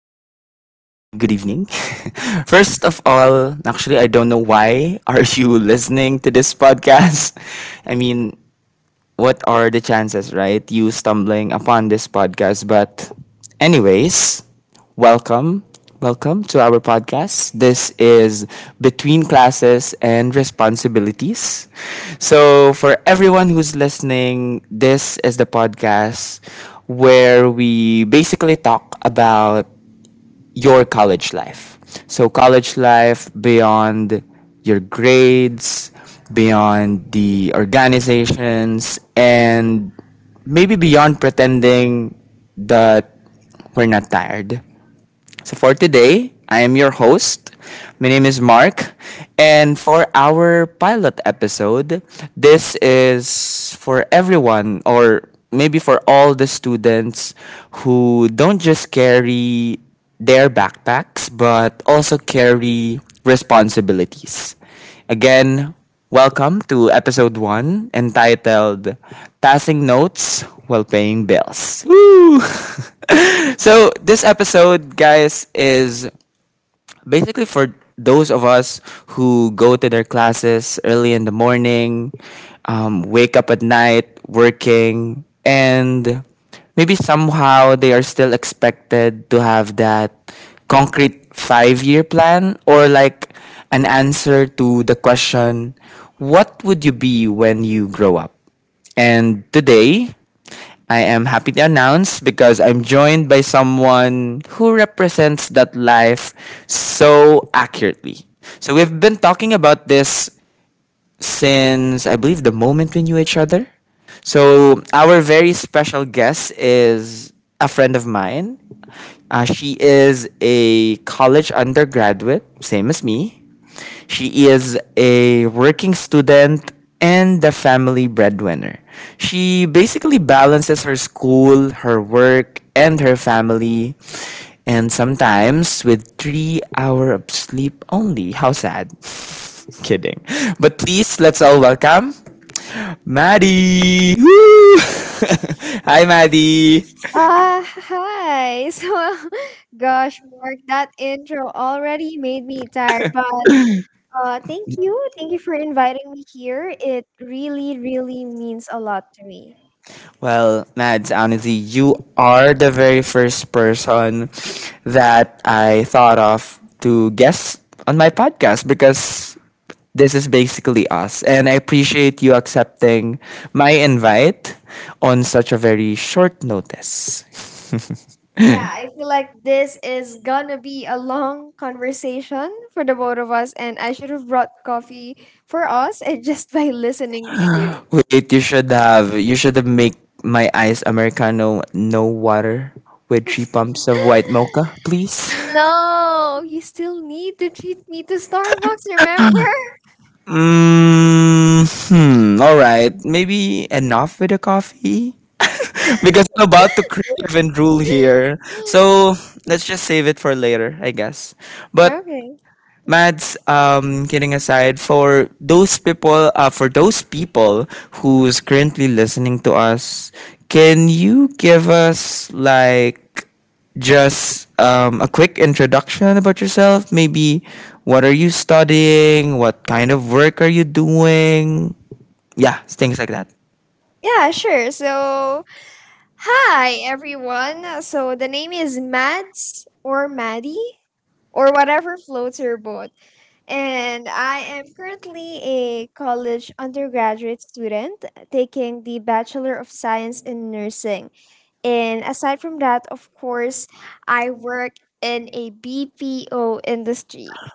evening. First of all, actually, I don't know why are you listening to this podcast. I mean, what are the chances, right? You stumbling upon this podcast. But anyways, welcome. Welcome to our podcast. This is Between Classes and Responsibilities. So, for everyone who's listening, this is the podcast where we basically talk about your college life. So, college life beyond your grades, beyond the organizations, and maybe beyond pretending that we're not tired. So for today, I am your host. My name is Mark. And for our pilot episode, this is for everyone or maybe for all the students who don't just carry their backpacks but also carry responsibilities. Again, welcome to episode 1, entitled Passing Notes While Paying Bills. So, this episode, guys, is basically for those of us who go to their classes early in the morning, wake up at night working, and maybe somehow they are still expected to have that concrete 5 year plan, or like an answer to the question, what would you be when you grow up? And today, I am happy to announce because I'm joined by someone who represents that life so accurately. So we've been talking about this since, I believe, the moment we knew each other. So our very special guest is a friend of mine. She is a college undergraduate, same as me. She is a working student and the family breadwinner. She basically balances her school, her work, and her family, and sometimes with 3 hours of sleep only. How sad. Kidding. But please, let's all welcome Maddie. Woo! Hi, Maddie. Hi. Gosh, Mark, that intro already made me tired, but thank you. Thank you for inviting me here. It really, really means a lot to me. Well, Mads, honestly, you are the very first person that I thought of to guest on my podcast because this is basically us. And I appreciate you accepting my invite on such a very short notice. Yeah, I feel like this is gonna be a long conversation for the both of us, and I should have brought coffee for us and just by listening to you. Wait, you should have make my iced americano, no water, with three pumps of white mocha, please. No, you still need to treat me to Starbucks, remember? Mm, hmm. All right, maybe enough with the coffee because I'm about to crave and drool here. So let's just save it for later, I guess. But Okay. Mads, kidding aside, for those people who's currently listening to us, can you give us like just a quick introduction about yourself? Maybe what are you studying? What kind of work are you doing? Yeah, things like that. Yeah, sure. So, hi everyone. So, the name is Mads or Maddie or whatever floats your boat. And I am currently a college undergraduate student taking the Bachelor of Science in Nursing. And aside from that, of course, I work in a BPO industry.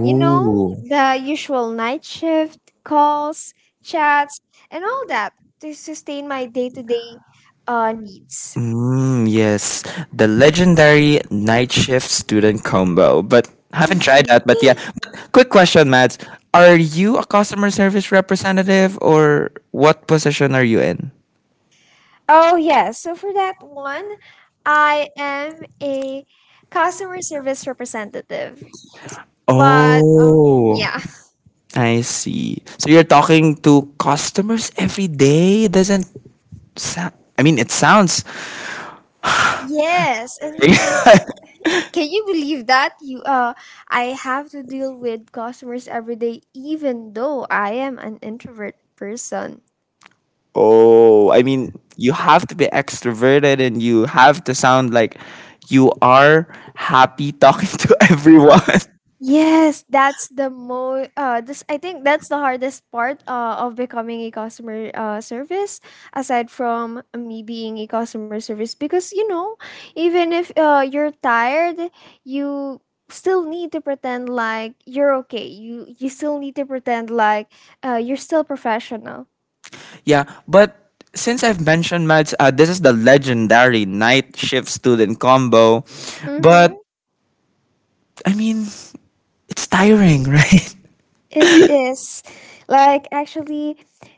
You know, Oh. the usual night shift, calls, chats, and all that to sustain my day to day needs. Mm, yes, the legendary night shift student combo. But haven't tried that. But yeah, quick question, Mads. Are you a customer service representative, or what position are you in? Oh, yes. So for that one, I am a customer service representative. S- But Oh, Yeah. I see. So you're talking to customers every day? Doesn't sound. I mean, it sounds. Yes, and, and can you believe that you I have to deal with customers every day even though I am an introvert person. Oh, I mean, you have to be extroverted and you have to sound like you are happy talking to everyone. Yes, that's the most. This I think that's the hardest part of becoming a customer service, aside from me being a customer service, because you know, even if you're tired, you still need to pretend like you're okay. You still need to pretend like you're still professional. Yeah, but since I've mentioned Mads, this is the legendary night shift student combo. But Mhm. I mean, it's tiring, right? It is like actually,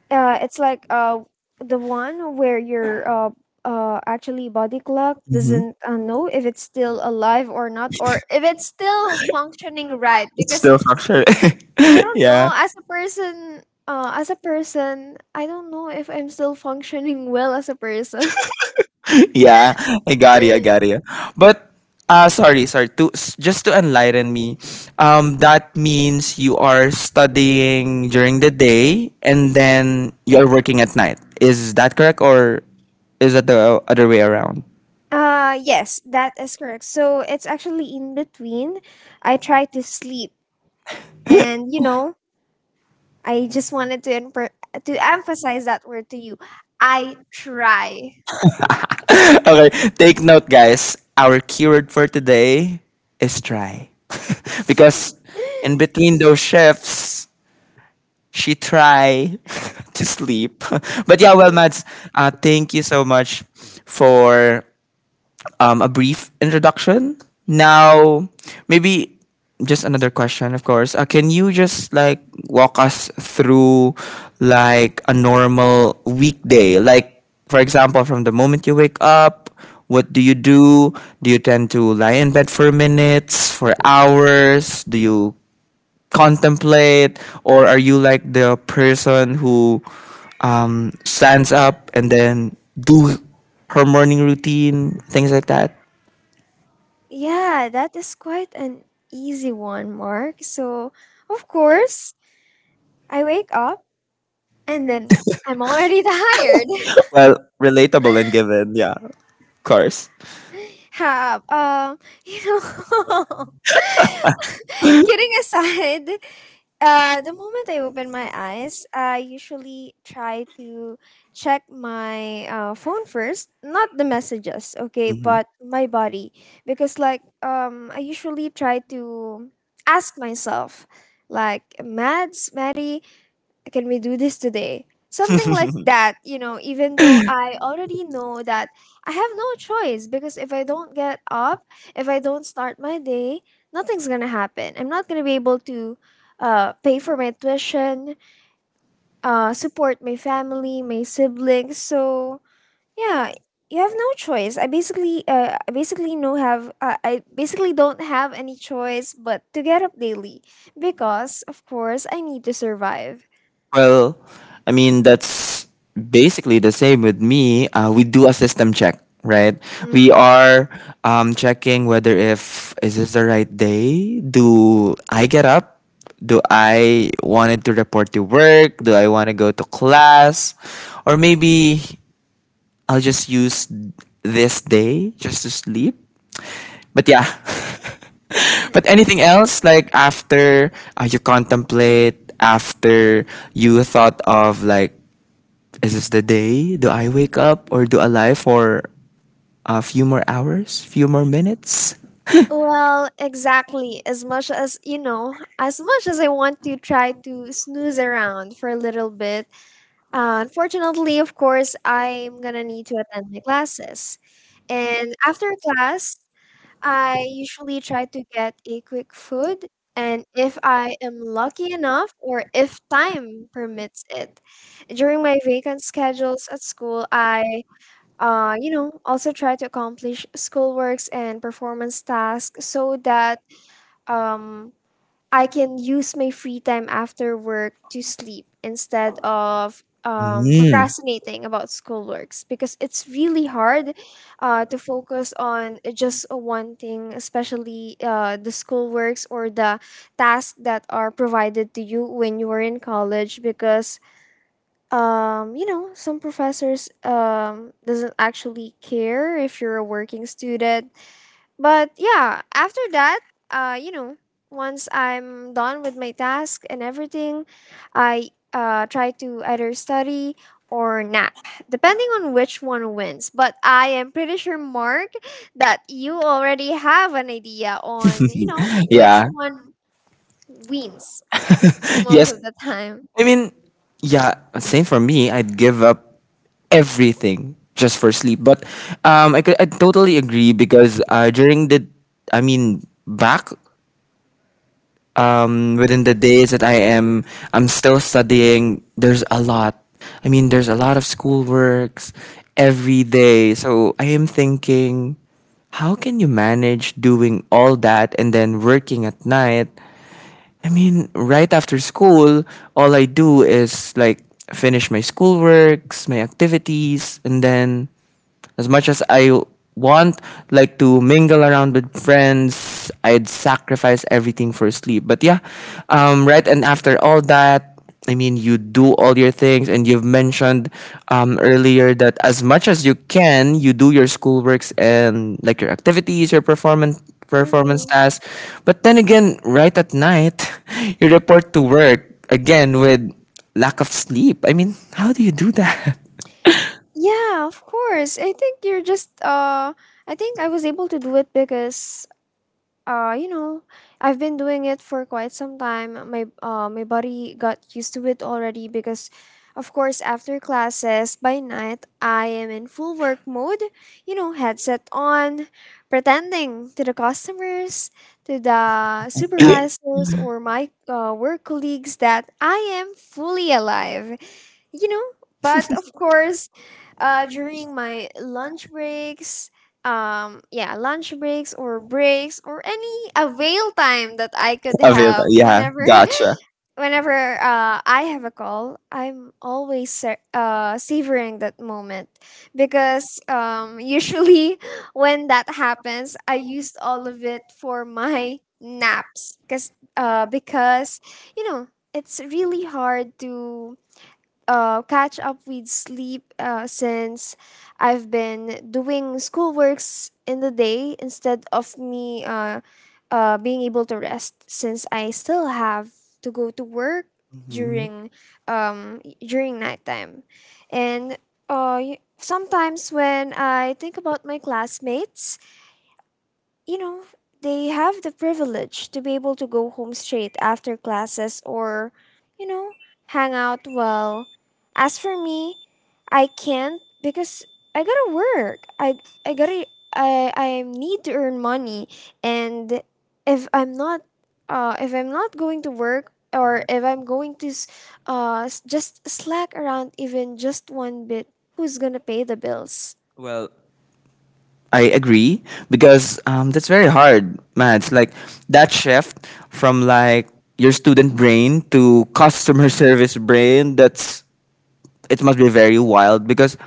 it's like the one where your actually body clock Mhm. doesn't know if it's still alive or not, or if it's still functioning right. It's Because still structured. I don't Yeah. know, as a person, I don't know if I'm still functioning well as a person. Yeah, I got you. I got you. But just to enlighten me, that means you are studying during the day and then you're working at night. Is that correct, or is it the other way around? Yes, that is correct. So it's actually in between. I try to sleep, and you know, I just wanted to emphasize that word to you. I try. Okay, take note, guys. Our keyword for today is try, because in between those shifts, she try to sleep. But yeah, well, Mads, thank you so much for a brief introduction. Now, maybe just another question, of course. Can you just like walk us through like a normal weekday? Like, for example, from the moment you wake up, what do you do? Do you tend to lie in bed for minutes, for hours? Do you contemplate, or are you like the person who stands up and then do her morning routine, things like that? Yeah, that is quite an easy one, Mark. So, of course, I wake up and then I'm already tired. Well, relatable and given, yeah, of course. Have um, you know, kidding aside, the moment I open my eyes, I usually try to check my phone first, not the messages, okay, but my body, because I usually try to ask myself, like, Mads, Maddie, can we do this today? Something like Mhm. that, you know, even though I already know that I have no choice. Because if I don't get up, if I don't start my day, nothing's gonna happen. I'm not gonna be able to pay for my tuition, support my family, my siblings. So yeah, you have no choice. I basically don't have any choice but to get up daily because, of course, I need to survive. Well, I mean, that's basically the same with me. We do a system check, right? We Mhm. are checking whether if is this the right day? Do I get up? Do I wanted to report to work? Do I want to go to class? Or maybe I'll just use this day just to sleep. But yeah, but anything else, like after you contemplate, after you thought of like, is this the day? Do I wake up, or do I lie for a few more hours, few more minutes? Well, exactly. As much as I want to try to snooze around for a little bit, unfortunately, of course, I'm gonna need to attend my classes. And after class, I usually try to get a quick food. And if I am lucky enough, or if time permits it, during my vacant schedules at school, I you know, also try to accomplish schoolworks and performance tasks so that um, I can use my free time after work to sleep instead of Mm. procrastinating about schoolworks, because it's really hard to focus on just one thing, especially the schoolworks or the tasks that are provided to you when you are in college, because you know, some professors doesn't actually care if you're a working student. But yeah, after that, you know, once I'm done with my task and everything, I try to either study or nap, depending on which one wins. But I am pretty sure, Mark, that you already have an idea on, you know, which Yeah. one wins most Yes. of the time. I mean, yeah, same for me. I'd give up everything just for sleep. But could- I totally agree because during the, I mean, back within the days that I'm still studying. There's a lot. I mean, there's a lot of schoolworks every day. So I am thinking, how can you manage doing all that and then working at night? I mean, right after school, all I do is like finish my schoolworks, my activities, and then as much as I want like to mingle around with friends, I'd sacrifice everything for sleep. But yeah, right. And after all that, I mean, you do all your things, and you've mentioned earlier that as much as you can, you do your schoolworks and like your activities, your performance Mm-hmm. tasks. But then again, right at night, you report to work again with lack of sleep. I mean, how do you do that? Yeah, of course. I think I was able to do it because you know, I've been doing it for quite some time. My body got used to it already because, of course, after classes, by night, I am in full work mode, you know, headset on, pretending to the customers, to the supervisors, or my work colleagues that I am fully alive, you know. But of course, during my lunch breaks or breaks or any avail time that I could Available. have, Yeah, whenever gotcha. whenever I have a call, I'm always savoring that moment, because usually when that happens, I used all of it for my naps, because uh because you know, it's really hard to catch up with sleep, since I've been doing schoolworks in the day instead of me being able to rest, since I still have to go to work Mhm. during during nighttime. And sometimes when I think about my classmates, you know, they have the privilege to be able to go home straight after classes or, you know, hang out well. As for me, I can't because I gotta work. I gotta I need to earn money. And if I'm not, if I'm not going to work, or if I'm going to just slack around even just one bit, who's gonna pay the bills? Well, I agree because that's very hard, Mads. Like that shift from like your student brain to customer service brain. That's it must be very wild because,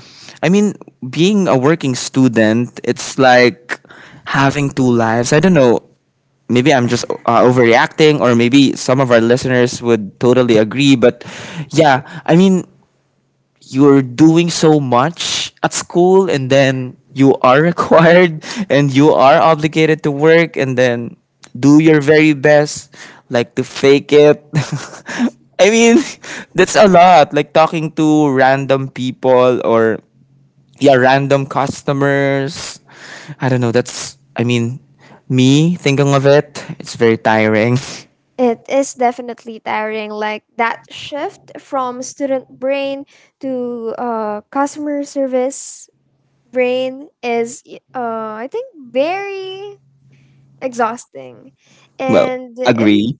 I mean, being a working student, it's like having two lives. I don't know. Maybe I'm just overreacting, or maybe some of our listeners would totally agree. But yeah, I mean, you're doing so much at school and then you are required and you are obligated to work and then do your very best like to fake it. I mean, that's a lot, like talking to random people, or yeah, random customers. I don't know, that's, I mean, me thinking of it, it's very tiring. It is definitely tiring, like that shift from student brain to customer service brain is, I think, very exhausting. Well. And Agree.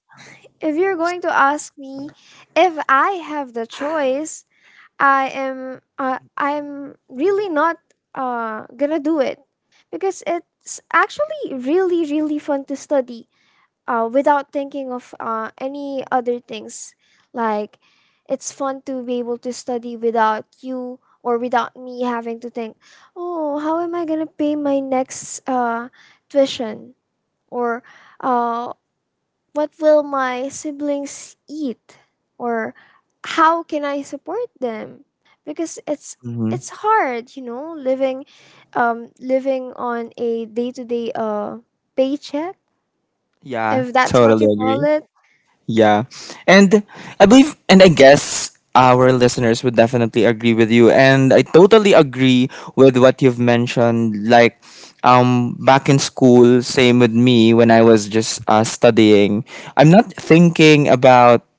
if you're going to ask me if I have the choice, I'm really not gonna do it, because it's actually really really fun to study without thinking of any other things. Like, it's fun to be able to study without you, or without me having to think, oh, how am I gonna pay my next tuition? Or uh, what will my siblings eat? Or how can I support them? Because Hmm. it's hard, you know, living on a day to day paycheck, Yeah, if that's what totally you call agree. it. Yeah. And I believe, and I guess our listeners would definitely agree with you, and I totally agree with what you've mentioned, like back in school, same with me when I was just studying, I'm not thinking about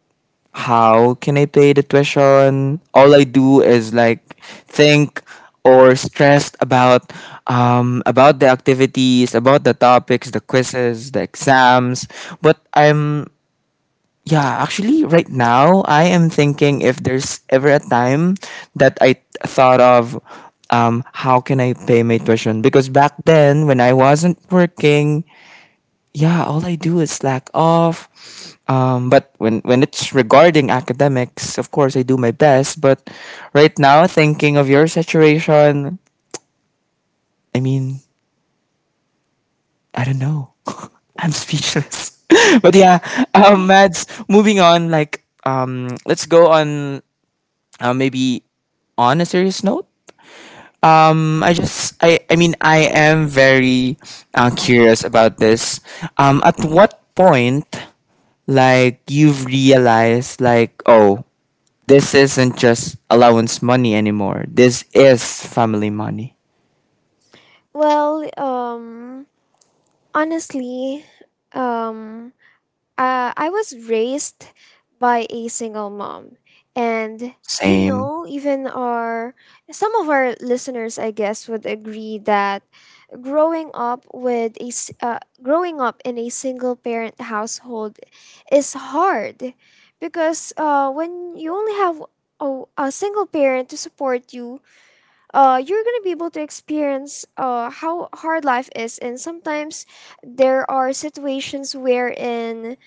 how can I pay the tuition. All I do is like think or stressed about the activities, about the topics, the quizzes, the exams. But I'm yeah, actually, right now, I am thinking if there's ever a time that I thought of how can I pay my tuition? Because back then, when I wasn't working, yeah, all I do is slack off. But when it's regarding academics, of course, I do my best. But right now, thinking of your situation, I mean, I don't know. I'm speechless. But yeah, Mads, moving on, like, let's go on maybe on a serious note, I mean, I am very curious about this. At what point, like, you've realized, like, oh, this isn't just allowance money anymore. This is family money. Well, honestly, um, I was raised by a single mom, and you Same. know, even our some of our listeners, I guess, would agree that growing up with a growing up in a single parent household is hard, because when you only have a single parent to support you, you're gonna be able to experience how hard life is. And sometimes there are situations wherein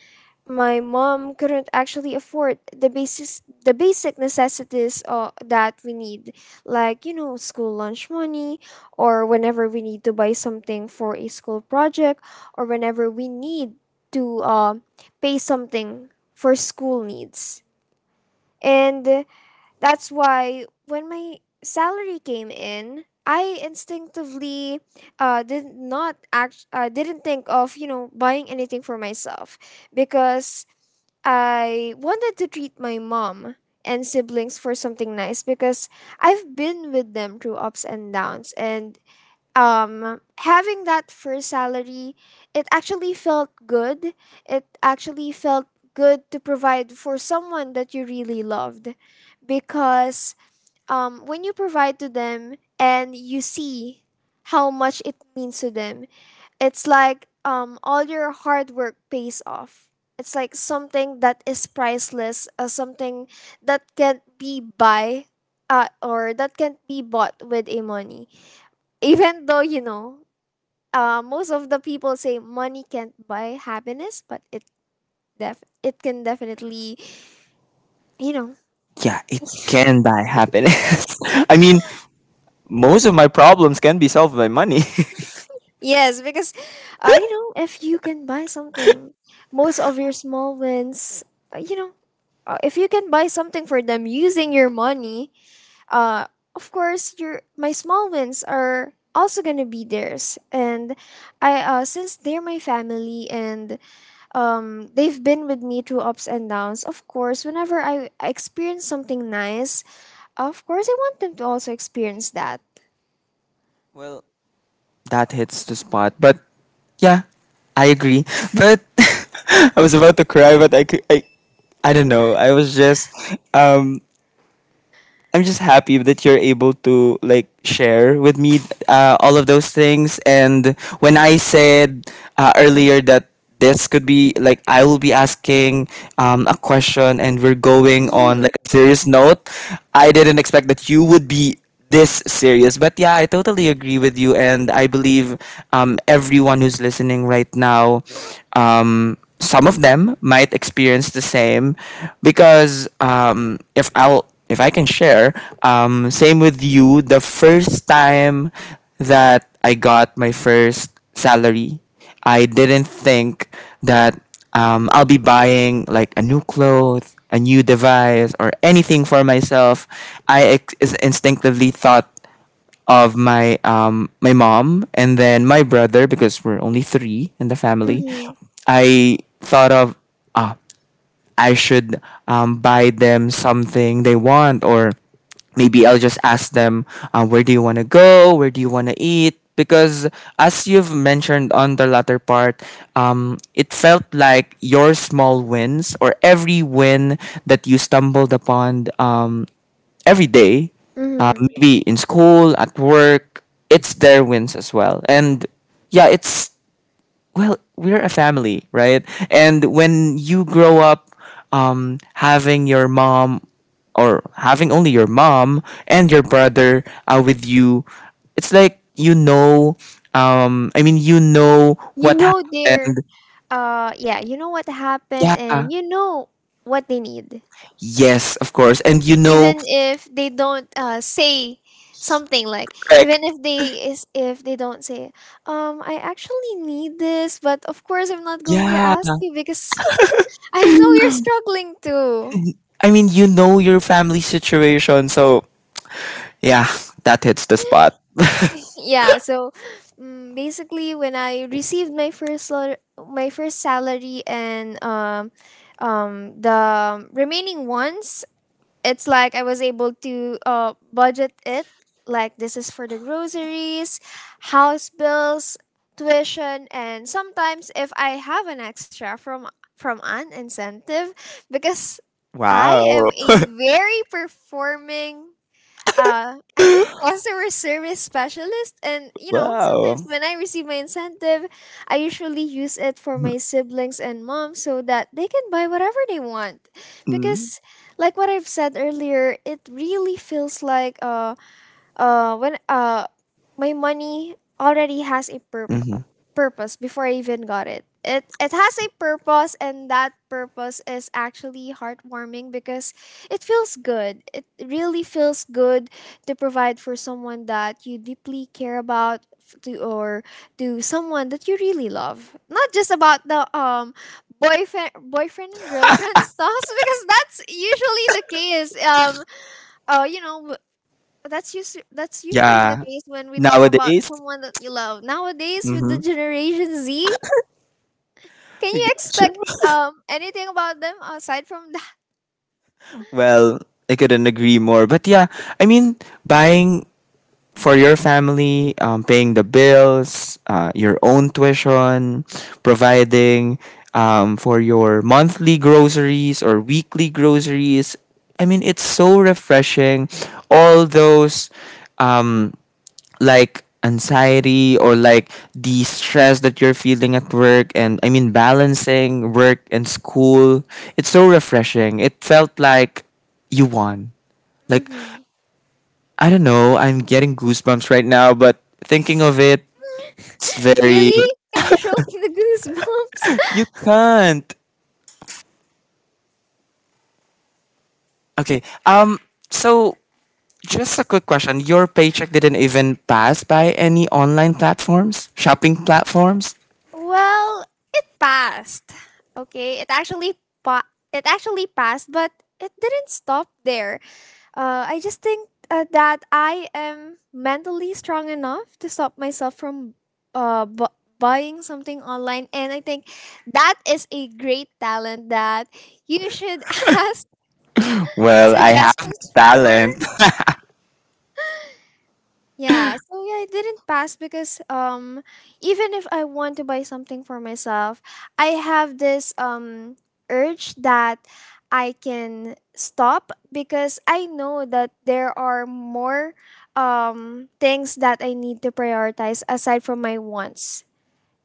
my mom couldn't actually afford the basic necessities that we need, like you know, school lunch money, or whenever we need to buy something for a school project, or whenever we need to pay something for school needs. And that's why, when my salary came in, I instinctively did not act didn't think of, you know, buying anything for myself, because I wanted to treat my mom and siblings for something nice, because I've been with them through ups and downs. And having that first salary, it actually felt good. It actually felt good to provide for someone that you really loved. Because when you provide to them and you see how much it means to them, it's like all your hard work pays off. It's like something that is priceless, something that can't be buy, or that can't be bought with a money. Even though you know, most of the people say money can't buy happiness, but it can definitely, you know, Yeah, it can buy happiness. I mean, most of my problems can be solved by money. yes, because, you know, if you can buy something, most of your small wins, uh, you know, if you can buy something for them using your money, uh, of course, your my small wins are also gonna be theirs. And I since they're my family and they've been with me through ups and downs. Of course, whenever I experience something nice, of course, I want them to also experience that. Well, that hits the spot. But yeah, I agree. But I was about to cry, but I could, I don't know. Um, I'm just happy that you're able to like share with me all of those things. And when I said earlier that this could be like I will be asking a question and we're going on Mhm, like a serious note, I didn't expect that you would be this serious. But yeah, I totally agree with you, and I believe everyone who's listening right now, some of them might experience the same, because if I'll if I can share, same with you. The first time that I got my first salary, I didn't think that I'll be buying like a new clothes, a new device, or anything for myself, instinctively thought of my my mom and then my brother because we're only three in the family. mhm, I thought of, ah, I should buy them something they want, or maybe I'll just ask them, where do you want to go? Where do you want to eat? Because as you've mentioned on the latter part, it felt like your small wins or every win that you stumbled upon every day, mhm. maybe in school, at work, it's their wins as well. And yeah, it's well, we're a family, right? And when you grow up having your mom or having only your mom and your brother with you, it's like I mean, you know You Right. what happened. Yeah, you know what happened, Yeah, and you know what they need, yes, of course. And even if they don't say something like, even like, if they is if they don't say, I actually need this, but of course I'm not going to yeah, ask you, because I know you're struggling too. I mean, you know your family situation. So, yeah, that hits the spot. Yeah, so basically when I received my my first salary, and the remaining ones, it's like I was able to budget it, like this is for the groceries, house bills, tuition, and sometimes if I have an extra from an incentive, because I Wow. am a very performing, I think, customer service specialist. And you know, sometimes Wow. when I receive my incentive, I usually use it for my siblings and mom so that they can buy whatever they want. Mm-hmm. Because, like what I've said earlier, it really feels like when my money already has a purpose Hmm. purpose before I even got it. It has a purpose, and that purpose is actually heartwarming because it feels good. It really feels good to provide for someone that you deeply care about f- to or to someone that you really love. Not just about the boyfriend and girlfriend stuff, because that's usually the case, uh you know that's usually the Yeah. case when we talk about Nowadays. someone that you love. Nowadays, with the Hmm. Generation Z, can you expect anything about them aside from that? Well, I couldn't agree more. But yeah, I mean, buying for your family, paying the bills, your own tuition, providing for your monthly groceries or weekly groceries. I mean, it's so refreshing. All those. Um, like anxiety or like the stress that you're feeling at work and I mean balancing work and school. It's so refreshing. It felt like you won. Like Mhm. I don't know, I'm getting goosebumps right now, but thinking of it, it's very. Really? Can you show me the goosebumps? You can't. Okay. So just a quick question. Your paycheck didn't even pass by any online platforms, shopping platforms? Well, it passed. Okay, it actually passed, but it didn't stop there. I just think that I am mentally strong enough to stop myself from uh, bu- buying something online. And I think that is a great talent that you should ask Well, I have the suggestions for. talent. Yeah, so it didn't pass because, even if I want to buy something for myself, I have this urge that I can stop, because I know that there are more things that I need to prioritize aside from my wants.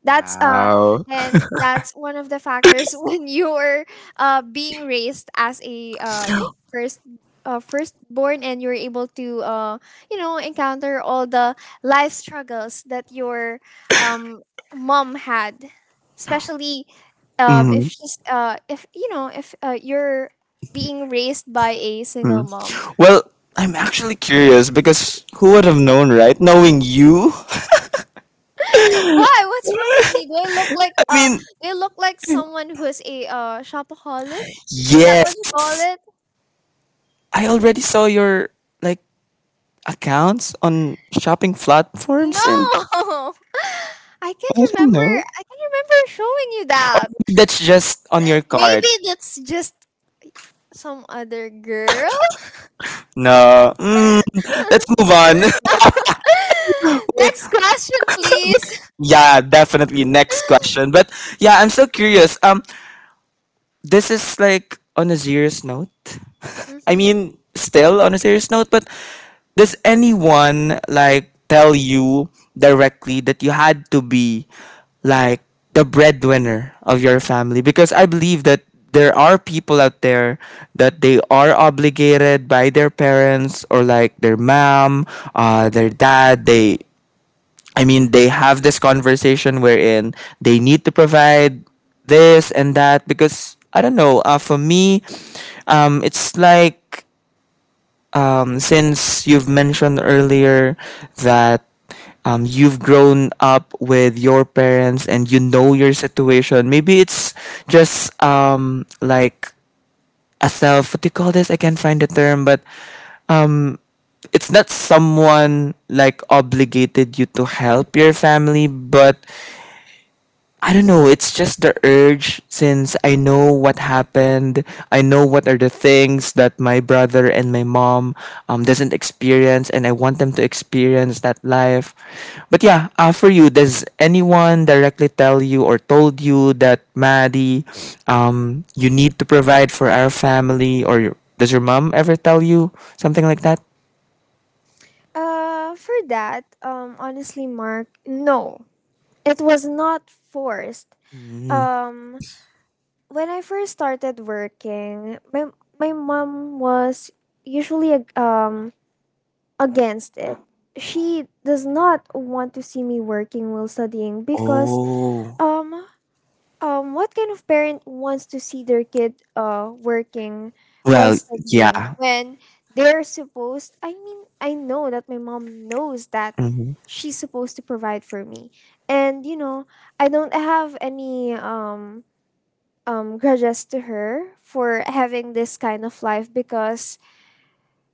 That's Wow. And that's one of the factors when you are being raised as a I think first firstborn, and you're able to encounter all the life struggles that your um mom had, especially Mm-hmm. If, you know, if you're being raised by a single Mm. mom. Well, I'm actually curious because who would have known, right? Knowing you? Why, what's wrong with me? Do I look like I mean, someone who's a shopaholic? Is that what you yes. call it? I already saw your like accounts on shopping platforms and No! I can't I don't remember. know. I can't remember showing you that. That's just on your cart. Maybe that's just some other girl. No. Let's move on. Wait. Next question, please. Yeah, definitely next question. But yeah, I'm so curious. This is like on a serious note. I Mm-hmm. mean, still on a serious note, but does anyone like tell you directly that you had to be like the breadwinner of your family? Because I believe that there are people out there that they are obligated by their parents or like their mom, their dad. I mean, they have this conversation wherein they need to provide this and that because I don't know. For me, it's like since you've mentioned earlier that you've grown up with your parents and you know your situation, maybe it's just like a self. What do you call this? I can't find the term, but um, it's not someone like obligated you to help your family, but I don't know. It's just the urge since I know what happened. I know what are the things that my brother and my mom doesn't experience, and I want them to experience that life. But yeah, for you, does anyone directly tell you or told you that Maddie, you need to provide for our family, or does your mom ever tell you something like that? For that, honestly, Mark, no, it was not forced. Mm. Um, when I first started working, my mom was usually a against it. She does not want to see me working while studying, because Oh, um what kind of parent wants to see their kid working while well, studying yeah. when they're supposed— I mean, I know that my mom knows that Mhm. she's supposed to provide for me. And, you know, I don't have any grudges to her for having this kind of life, because,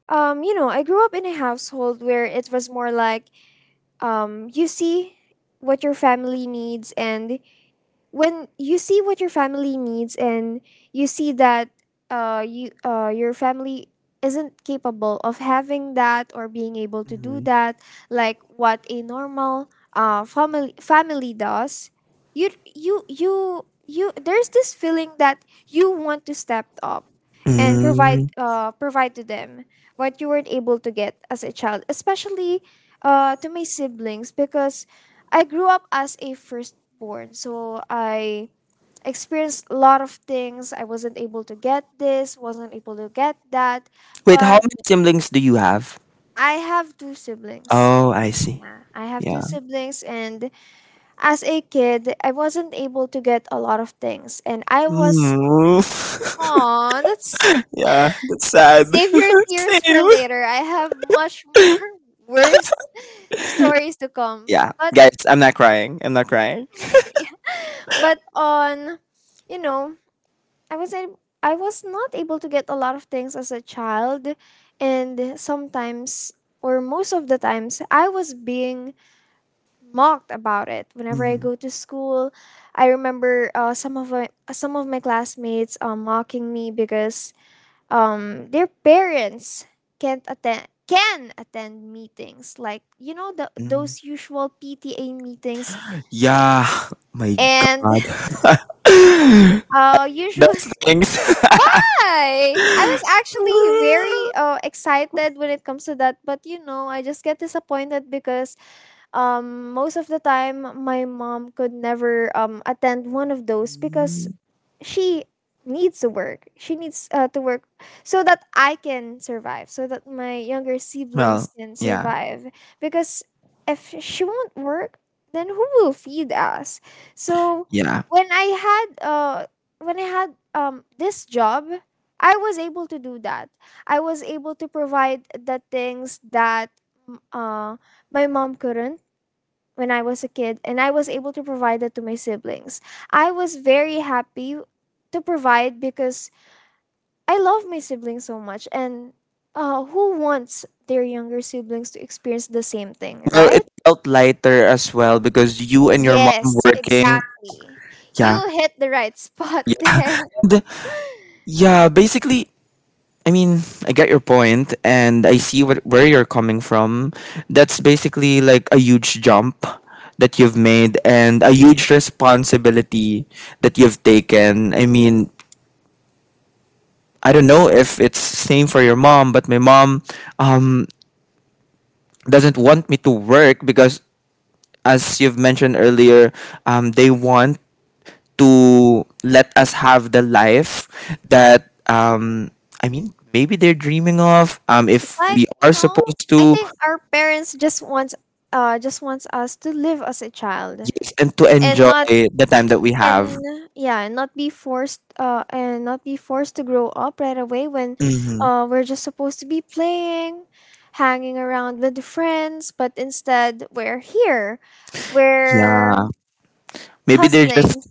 you know, I grew up in a household where it was more like, you see what your family needs, and when you see what your family needs, and you see that, your family isn't capable of having that, or being able to do Mhm. that like what a normal family does, you there's this feeling that you want to step up and Mm. Provide to them what you weren't able to get as a child, especially to my siblings, because I grew up as a first born. So I experienced a lot of things. I wasn't able to get this, wasn't able to get that. Wait, how But many siblings do you have? I have two siblings. Oh, I see. Yeah, I have two Yeah. siblings, and as a kid, I wasn't able to get a lot of things. And I was— Mm. oh, that's— Yeah, that's sad. save your tears for Same. later. I have much more worse stories to come. Yeah, But, guys, I'm not crying. I'm not crying. yeah, but on, you know, I was I was not able to get a lot of things as a child, and sometimes, or most of the times, I was being mocked about it whenever I go to school. I remember, some of my classmates mocking me because, their parents can't attend can attend meetings, like, you know, Mhm. those usual PTA meetings Yeah, my and God. Usually That's things. Why? I was actually very excited when it comes to that, but, you know, I just get disappointed because, most of the time my mom could never attend one of those, because she needs to work. She needs to work so that I can survive, so that my younger siblings Well, can yeah, survive. Because if she won't work, then who will feed us? So yeah. when I had uh when I had this job, I was able to do that. I was able to provide the things that mm, uh my mom couldn't when I was a kid, and I was able to provide that to my siblings. I was very happy to provide, because I love my siblings so much, and, who wants their younger siblings to experience the same thing, Well, it right? felt lighter as well because you and your mom Yes, working. exactly. Yeah, You hit the right spot yeah, there. and, yeah. Basically, I mean, I get your point, and I see where you're coming from. That's basically like a huge jump that you've made and a huge responsibility that you've taken. I mean, I don't know if it's same for your mom, but my mom um, doesn't want me to work because, as you've mentioned earlier, they want to let us have the life that I mean, maybe they're dreaming of. If Like, we you are know, supposed I to, think our parents just wants us to live as a child yes, and to and enjoy not— the time that we have. and yeah, and not be forced and not be forced to grow up right away when Hmm. We're just supposed to be playing, hanging around with the friends, but instead we're here, we're Yeah, maybe they're hustling. just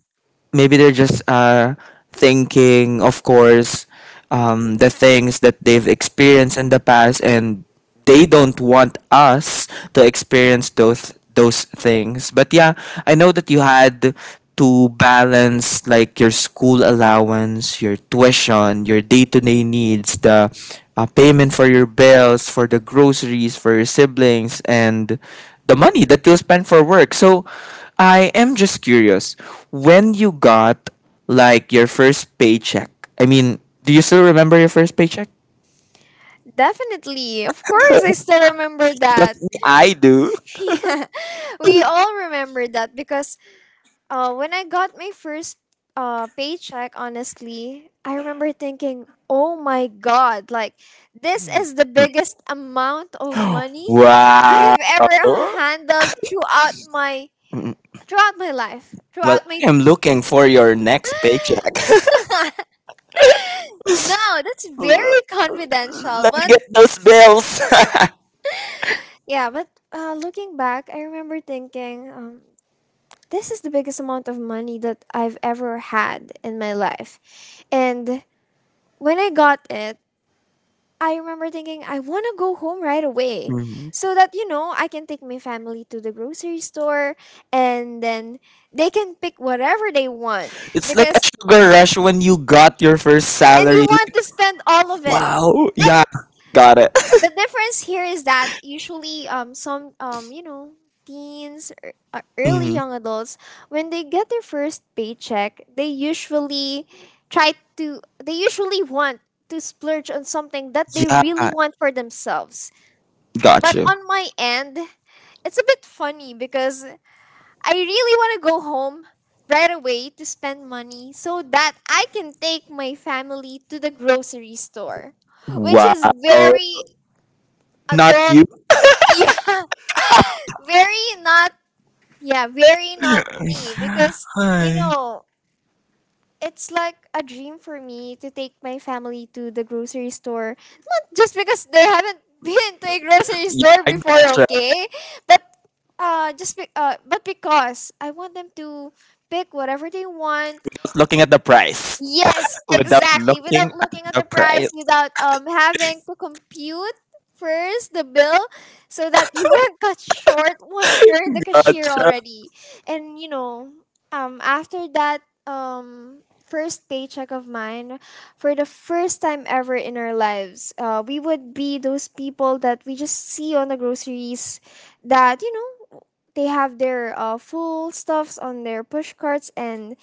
maybe they're just thinking, of course, the things that they've experienced in the past, and they don't want us to experience those things. But yeah, I know that you had to balance like your school allowance, your tuition, your day to day needs, the payment for your bills, for the groceries, for your siblings, and the money that you'll spend for work. So I am just curious when you got like your first paycheck. I mean, do you still remember your first paycheck? Definitely, of course I still remember Because that. me, I do. Yeah, we all remember that. Because when I got my first paycheck, honestly, I remember thinking, oh my God, like, this is the biggest amount of money Wow. I've ever handled throughout my— Mm, throughout my life Well, throughout my I am looking for your next paycheck. No, that's Let very confidential. me But get those bills. yeah, but looking back, I remember thinking, this is the biggest amount of money that I've ever had in my life. And when I got it, I remember thinking, I want to go home right away Mhm. so that, you know, I can take my family to the grocery store, and then they can pick whatever they want, It's like a because— sugar rush when you got your first and you salary. want to spend all of it. Wow. But Yeah. Got it. the difference here is that usually, some you know, teens or, early Mhm. young adults, when they get their first paycheck, they usually try to they usually want to splurge on something that they really Yeah. want for themselves. Got But you. on my end, it's a bit funny because I really want to go home right away to spend money so that I can take my family to the grocery store, which Wow. is very Not adult. you. Yeah, very not. Yeah, very not me because, you Hi. know, it's like a dream for me to take my family to the grocery store just because they haven't been to a grocery Yeah, store I before, gotcha. okay? I But but because I want them to pick whatever they want. Looking at the price Yes, without exactly. Without looking at looking at the the price, price. without, having to compute first the bill so that you won't cut short once you're in the cashier Gotcha. already. And you know, after that, first paycheck of mine, for the first time ever in our lives, uh, we would be those people that we just see on the groceries that, you know, they have their full stuffs on their push carts, and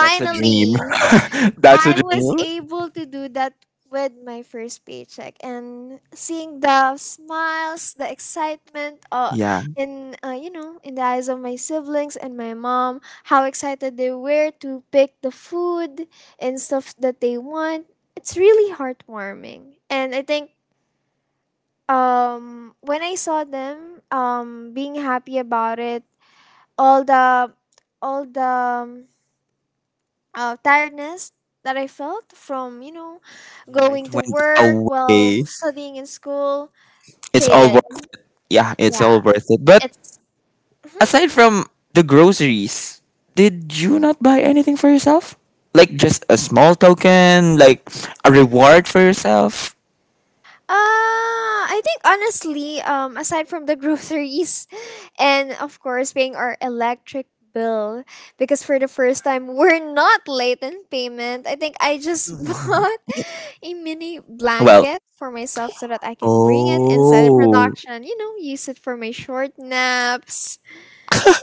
That's a dream. That's a I was dream. able to do that with my first paycheck. And seeing the smiles, the excitement, Yeah. in you know, in the eyes of my siblings and my mom, how excited they were to pick the food and stuff that they want. It's really heartwarming. And I think, when I saw them being happy about it, all the all the tiredness that I felt from, you know, Yeah, going it to went work while away. studying in school It's all faded. worth. Yeah, it's Yeah, all worth it. But it's— mhm. aside from the groceries, did you not buy anything for yourself? Like just a small token, like a reward for yourself? I think honestly, aside from the groceries and of course paying our electric bill, because for the first time we're not late in payment, I think I just bought a mini Well, blanket for myself so that I can bring it inside the oh, production, you know, use it for my short naps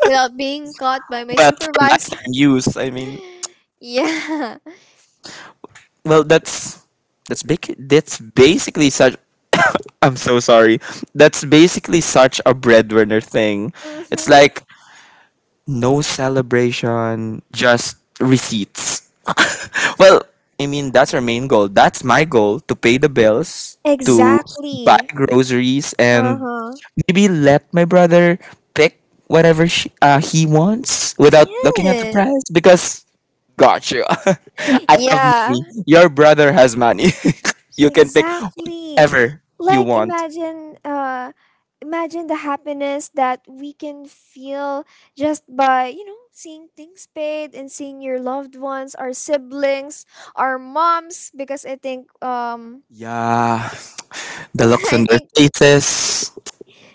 without being caught by my well, for supervisor. lifetime use. I mean, Yeah. well, that's big. That's basically such. I'm so sorry. That's basically such a breadwinner thing. It's Mm-hmm. like no celebration, just receipts. Well, I mean, that's our main goal. That's my goal to pay the bills, to buy Exactly. groceries, and Uh-huh. maybe let my brother pick whatever he wants without looking at the Yes. price because, gosh, Yeah. I have Yeah. money. Your brother has money. You can pick Exactly. whatever you Like, want. Imagine the happiness that we can feel just by, you know, seeing things paid and seeing your loved ones, our siblings, our moms, because I think Yeah, the looks I on their think— faces,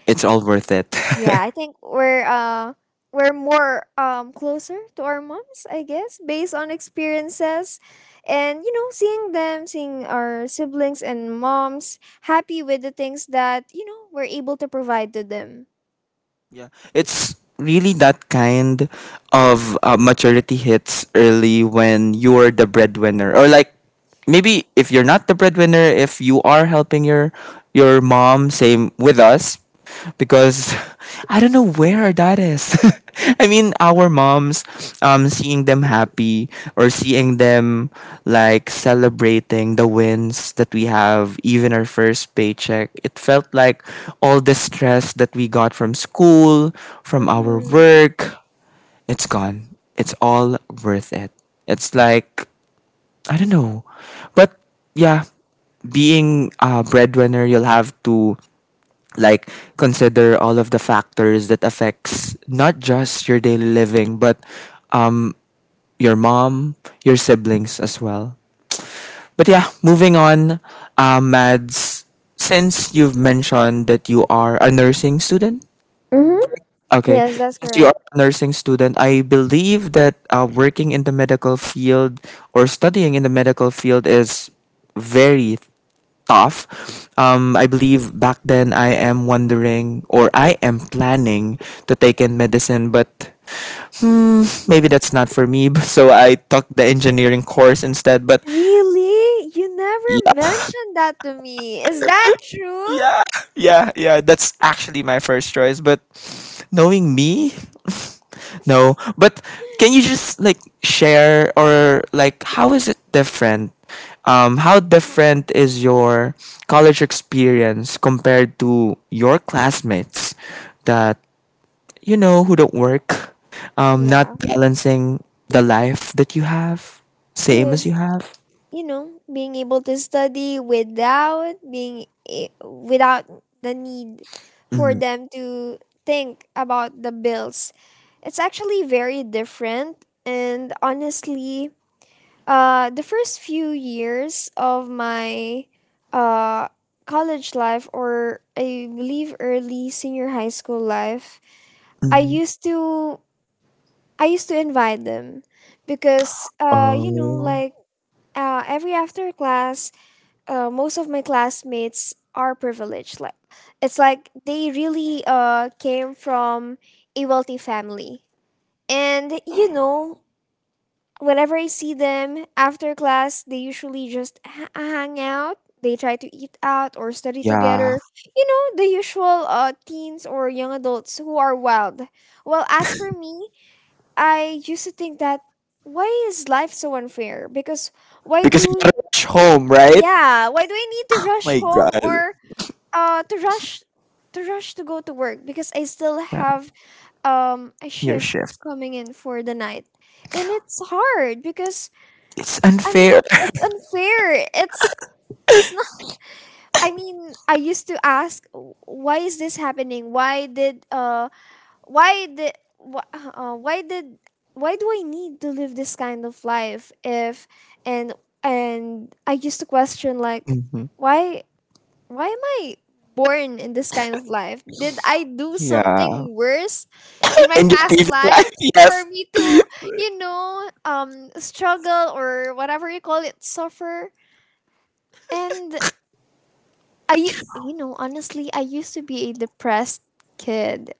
it's all worth it. yeah, I think we're we're more closer to our moms, I guess, based on experiences. And you know, seeing them, seeing our siblings and moms happy with the things that, you know, we're able to provide to them. Yeah, it's really that kind of maturity hits early when you're the breadwinner, or like maybe if you're not the breadwinner, if you are helping your mom, same with us because I don't know where that is. I mean, our moms, seeing them happy or seeing them like celebrating the wins that we have, even our first paycheck, it felt like all the stress that we got from school, from our Mhm. work, it's gone. It's all worth it. It's like, I don't know. But yeah, being a breadwinner, you'll have to like consider all of the factors that affects not just your daily living, but um your mom, your siblings as well. But yeah, moving on, Mads, since you've mentioned that you are a nursing student. Mhm. Okay. Yes, that's Since you are correct. a nursing student, I believe that working in the medical field or studying in the medical field is very tough. I believe back then I am wondering or I am planning to take in medicine, but maybe that's not for me. So I took the engineering course instead. But Really? You never yeah, mentioned that to me. Is that true? yeah, yeah, yeah. That's actually my first choice. But knowing me. No, but can you just like share or like how is it different? How different is your college experience compared to your classmates that you know who don't work, Yeah. not balancing the life that you have, same as Cuz, you have? you know, being able to study without being without the need for Mm, them to think about the bills, it's actually very different. And honestly, the first few years of my uh college life, or I believe early senior high school life, i mm. used to I used to invite them, because, you know, Oh, like, every after class, most of my classmates are privileged. Like, it's like they really came from a wealthy family, and you know, whenever I see them after class, they usually just hang out. They try to eat out or study yeah, together. You know, the usual teens or young adults who are wild. Well, as for me, I used to think that why is life so unfair? Because why because you do gotta rush home, right? yeah why do I need to rush My home God. or to rush to go to work because I still Yeah, have a your shift shift. coming in for the night. And it's hard because It's I'm unfair. not it's unfair. It's not. I mean, I used to ask, Why is this happening? Why did wh- why did why do I need to live this kind of life?" If and and I used to question, like, Mhm. why why am I born in this kind of life? Did I do Yeah. something worse in my In your past previous life life. for Yes. me to, struggle, or whatever you call it, suffer? And I u- you know, honestly, I used to be a depressed kid.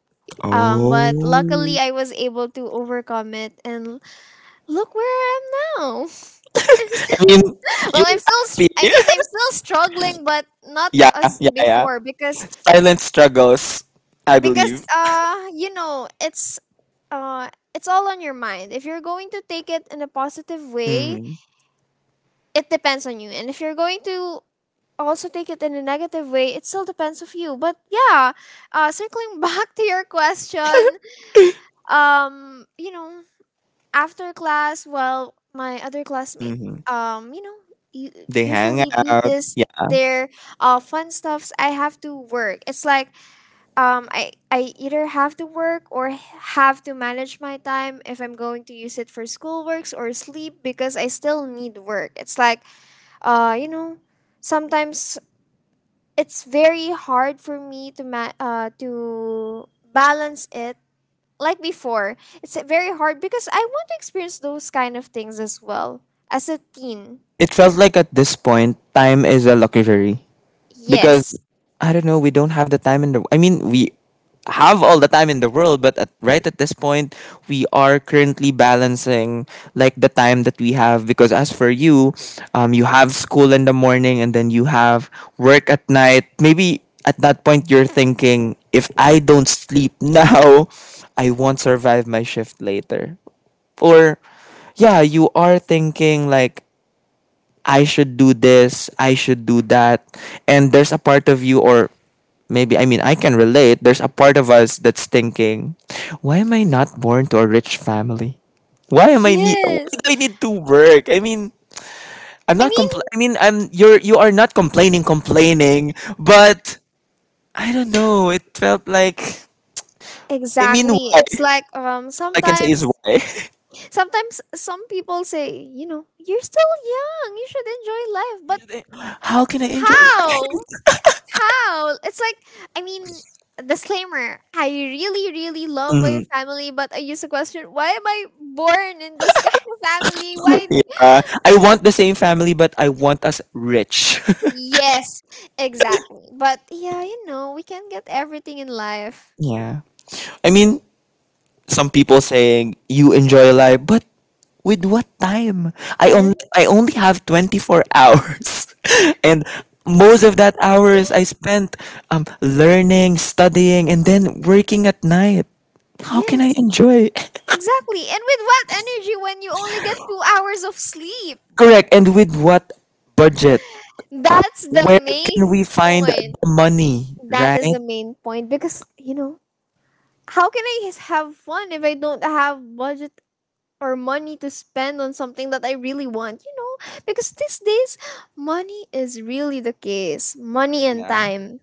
But Oh. luckily I was able to overcome it and look where I am now. I'm I still, mean, well, you see. I mean, I'm still struggling, but not Yeah, as yeah, yeah. before. because Silent struggles, I because believe. uh you know uh it's all on your mind. If you're going to take it in a positive way, Mm-hmm. it depends on you, and if you're going to also take it in a negative way, it still depends of you. But yeah, circling back to your question, you know, after class, well, my other classmate, Mm-hmm. um you know u- They hang usually do out. this, Yeah. their fun stuffs. I have to work. It's like, um, I either have to work or have to manage my time if I'm going to use it for schoolworks or sleep, because I still need work. It's like, you know, sometimes it's very hard for me to to balance it like before. It's very hard because I want to experience those kind of things as well, as a teen. It felt like at this point, time is a luxury. Because Yes. I don't know, we don't have the time in the. I mean, we have all the time in the world, but right at this point, we are currently balancing like the time that we have. Because as for you, you have school in the morning and then you have work at night. Maybe at that point you're thinking, if I don't sleep now, I won't survive my shift later. Or yeah, you are thinking like I should do this, I should do that. And there's a part of you, or maybe, I mean, I can relate, there's a part of us that's thinking, why am I not born to a rich family? Why am I need? Why Yes. do I need to work? I mean, I'm I not mean, I mean, I'm you're you are not complaining, complaining, but I don't know. It felt like, I mean, exactly. why? It's like, I can say is sometimes. why. Sometimes some people say, you know, you're still young, you should enjoy life. But How can I enjoy life? how? How? It's like, I mean, disclaimer, I really, really love my Mhm. family, but I used to question, why am I born in this kind of family? Why? Yeah, I want the same family, but I want us rich. Yes, exactly. But yeah, you know, we can get everything in life. Yeah. I mean, some people saying you enjoy life, but with what time? I only And I only have 24 hours. And most of that hours I spent learning, studying and then working at night. How can I yes, enjoy? exactly. And with what energy when you only get 2 hours of sleep? Correct. And with what budget? That's the Where can main we find the point. money, That right? is the main point because you know, how can have fun if I don't have budget or money to spend on something that I really want? You know, because these days money is really the case. Money and Yeah. time.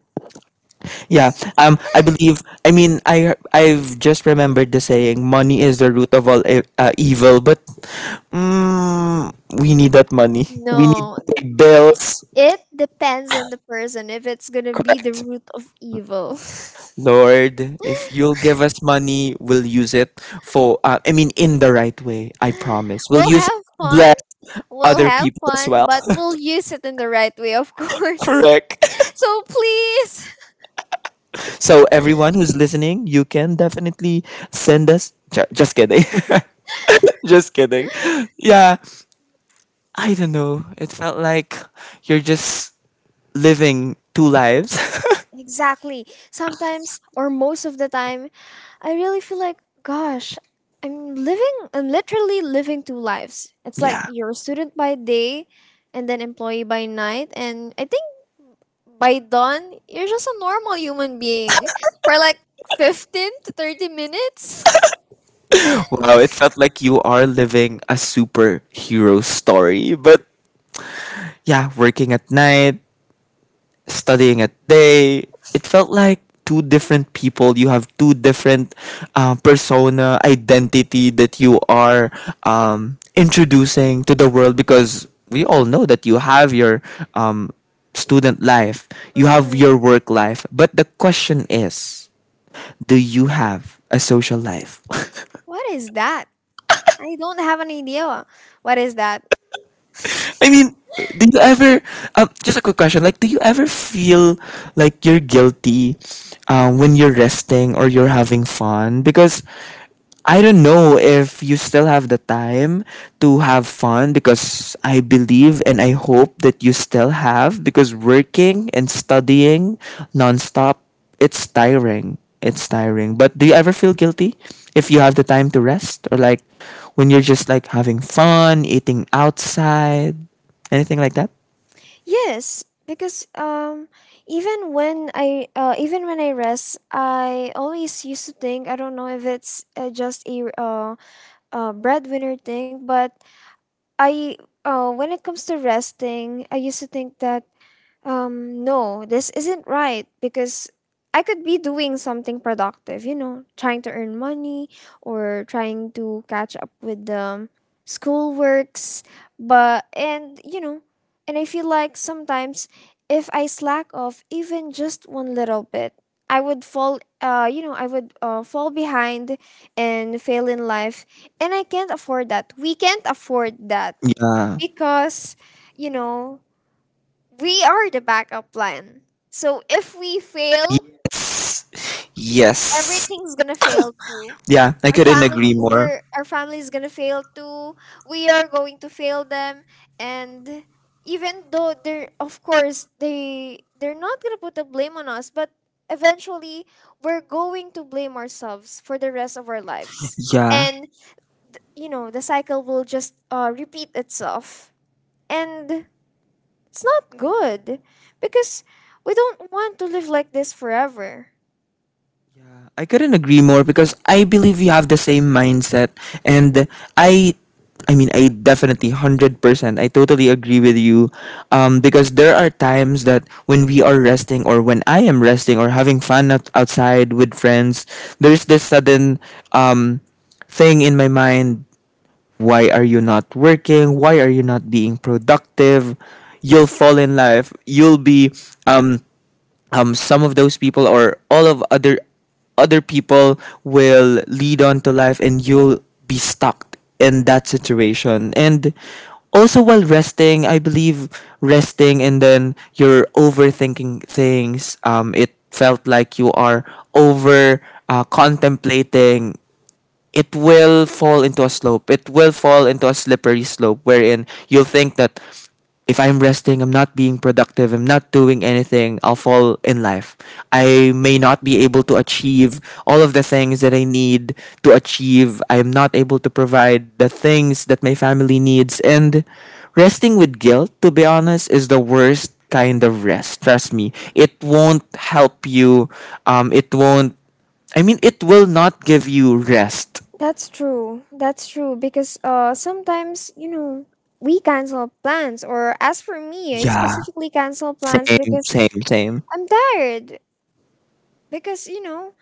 Yeah, I believe. I mean, I've just remembered the saying, "Money is the root of all evil." But mm, we need that money. We need No, to pay bills. it depends on the person if it's gonna be the Correct, root of evil. Lord. If you'll give us money, we'll use it for. I mean, in the right way. I promise. We'll We'll use it have to fun. bless We'll other have people as fun, well. but we'll use it in the right way, of course. Correct. So please. So everyone who's listening, you can definitely send us. Just kidding. Just kidding. Yeah, I don't know. It felt like you're just living two lives. Exactly. Sometimes, or most of the time, I really feel like, gosh, I'm literally living two lives. It's like Yeah. you're a student by day and then employee by night. And I think by dawn, you're just a normal human being for like 15 to 30 minutes. Wow, it felt like you are living a superhero story, but yeah, working at night, studying at day it felt like two different people. You have two different persona identity that you are introducing to the world, because we all know that you have your um, student life, you have your Mhm. work life, but the question is, do you have a social life? What is that? I don't have an idea. What is that? I mean, do you ever, just a quick question, like, do you ever feel like you're guilty when you're resting or you're having fun? Because I don't know if you still have the time to have fun, because I believe and I hope that you still have, because working and studying nonstop, it's tiring. It's tiring. But do you ever feel guilty if you have the time to rest, or like when you're just like having fun, eating outside, anything like that? Yes, because even when I rest, I always used to think, I don't know if it's just a breadwinner thing, but I when it comes to resting, I used to think that, no, this isn't right because I could be doing something productive, you know, trying to earn money or trying to catch up with the school works. But, and, you know, and I feel like sometimes if I slack off even just one little bit, I would fall, you know, I would fall behind and fail in life. And I can't afford that. We can't afford that Yeah. because, you know, we are the backup plan. So if we fail, Yes. Yes. everything's gonna fail too. Yeah, I Our couldn't agree more. Our family's gonna fail too. We are going to fail them, and even though of course, they're not gonna put the blame on us, but eventually we're going to blame ourselves for the rest of our lives, Yeah. and you know the cycle will just repeat itself. And it's not good because we don't want to live like this forever. Yeah, I couldn't agree more, because I believe we have the same mindset, and I I mean, I definitely 100%, I totally agree with you, because there are times that when we are resting, or when I am resting or having fun outside with friends, there's this sudden um thing in my mind, why are you not working, why are you not being productive, you'll fall in life, you'll be um some of those people or all of other people will lead on to life and you'll be stuck in that situation. And also, while resting, I believe, resting and then you're overthinking things, it felt like you are over contemplating. It will fall into a slope. It will fall into a slippery slope wherein you'll think that if I'm resting, I'm not being productive, I'm not doing anything, I'll fall in life. I may not be able to achieve all of the things that I need to achieve. I'm not able to provide the things that my family needs. And resting with guilt, to be honest, is the worst kind of rest. Trust me. It won't help you. It won't, I mean, it will not give you rest. That's true. That's true because sometimes, you know, we cancel plans, or as for me, I Yeah, specifically cancel plans same, because same, same. I'm tired. Because, you know,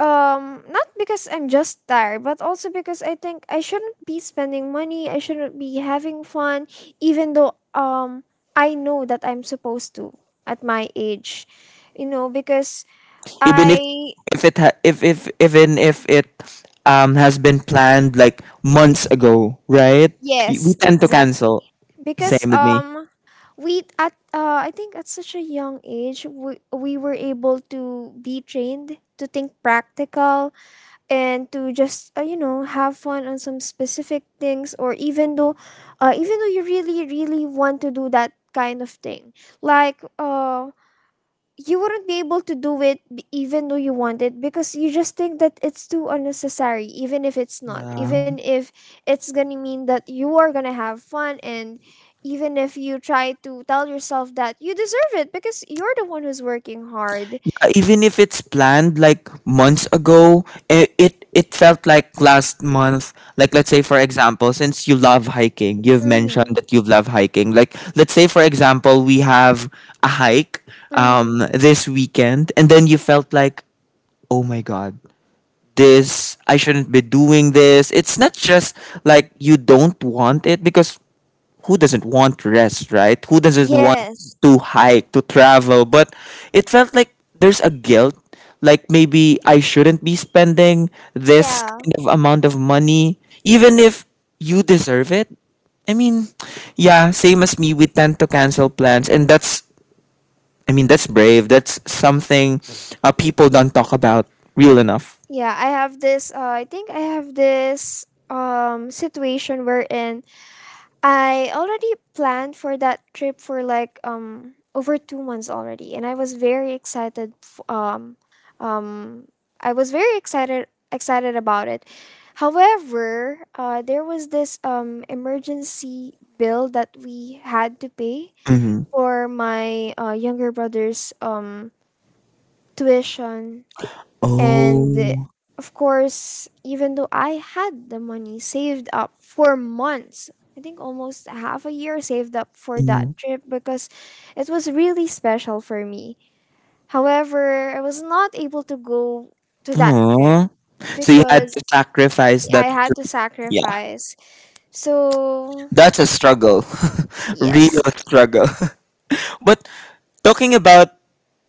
not because I'm just tired, but also because I think I shouldn't be spending money, I shouldn't be having fun, even though I know that I'm supposed to at my age. You know, because Even if I. Even if it has been planned like months ago, right? We Yes, tend to exactly. cancel. Because Same with me. We at I think at such a young age we were able to be trained to think practical and to just, you know, have fun on some specific things, or even though you really really want to do that kind of thing, like uh you wouldn't be able to do it, even though you want it, because you just think that it's too unnecessary, even if it's not, Yeah. even if it's gonna mean that you are gonna have fun, and even if you try to tell yourself that you deserve it because you're the one who's working hard. Yeah. Even if it's planned like months ago, it felt like last month. Like let's say for example, since you love hiking, you've Mm-hmm. mentioned that you love hiking. Like let's say for example, we have a hike Mm-hmm. This weekend, and then you felt like, oh my god, this, I shouldn't be doing this. It's not just like you don't want it, because who doesn't want rest, right? Who doesn't want Yes. to hike, to travel? But it felt like there's a guilt. Like maybe I shouldn't be spending this Yeah, kind of amount of money, even if you deserve it. I mean, yeah, same as me, we tend to cancel plans. And that's, I mean, that's brave. That's something people don't talk about real enough. yeah, I have this uh, situation wherein I already planned for that trip for like over 2 months already, and I was very excited f- um I was very excited excited about it. However, there was this emergency bill that we had to pay Mm-hmm. for my younger brother's tuition. And Oh. of course, even though I had the money saved up for months, I think almost half a year saved up for that Mm. trip, because it was really special for me. However, I was not able to go to that trip Aw. So you had because to sacrifice I that. had to Yeah, sacrifice. So, that's a struggle, real yes. struggle. But talking about,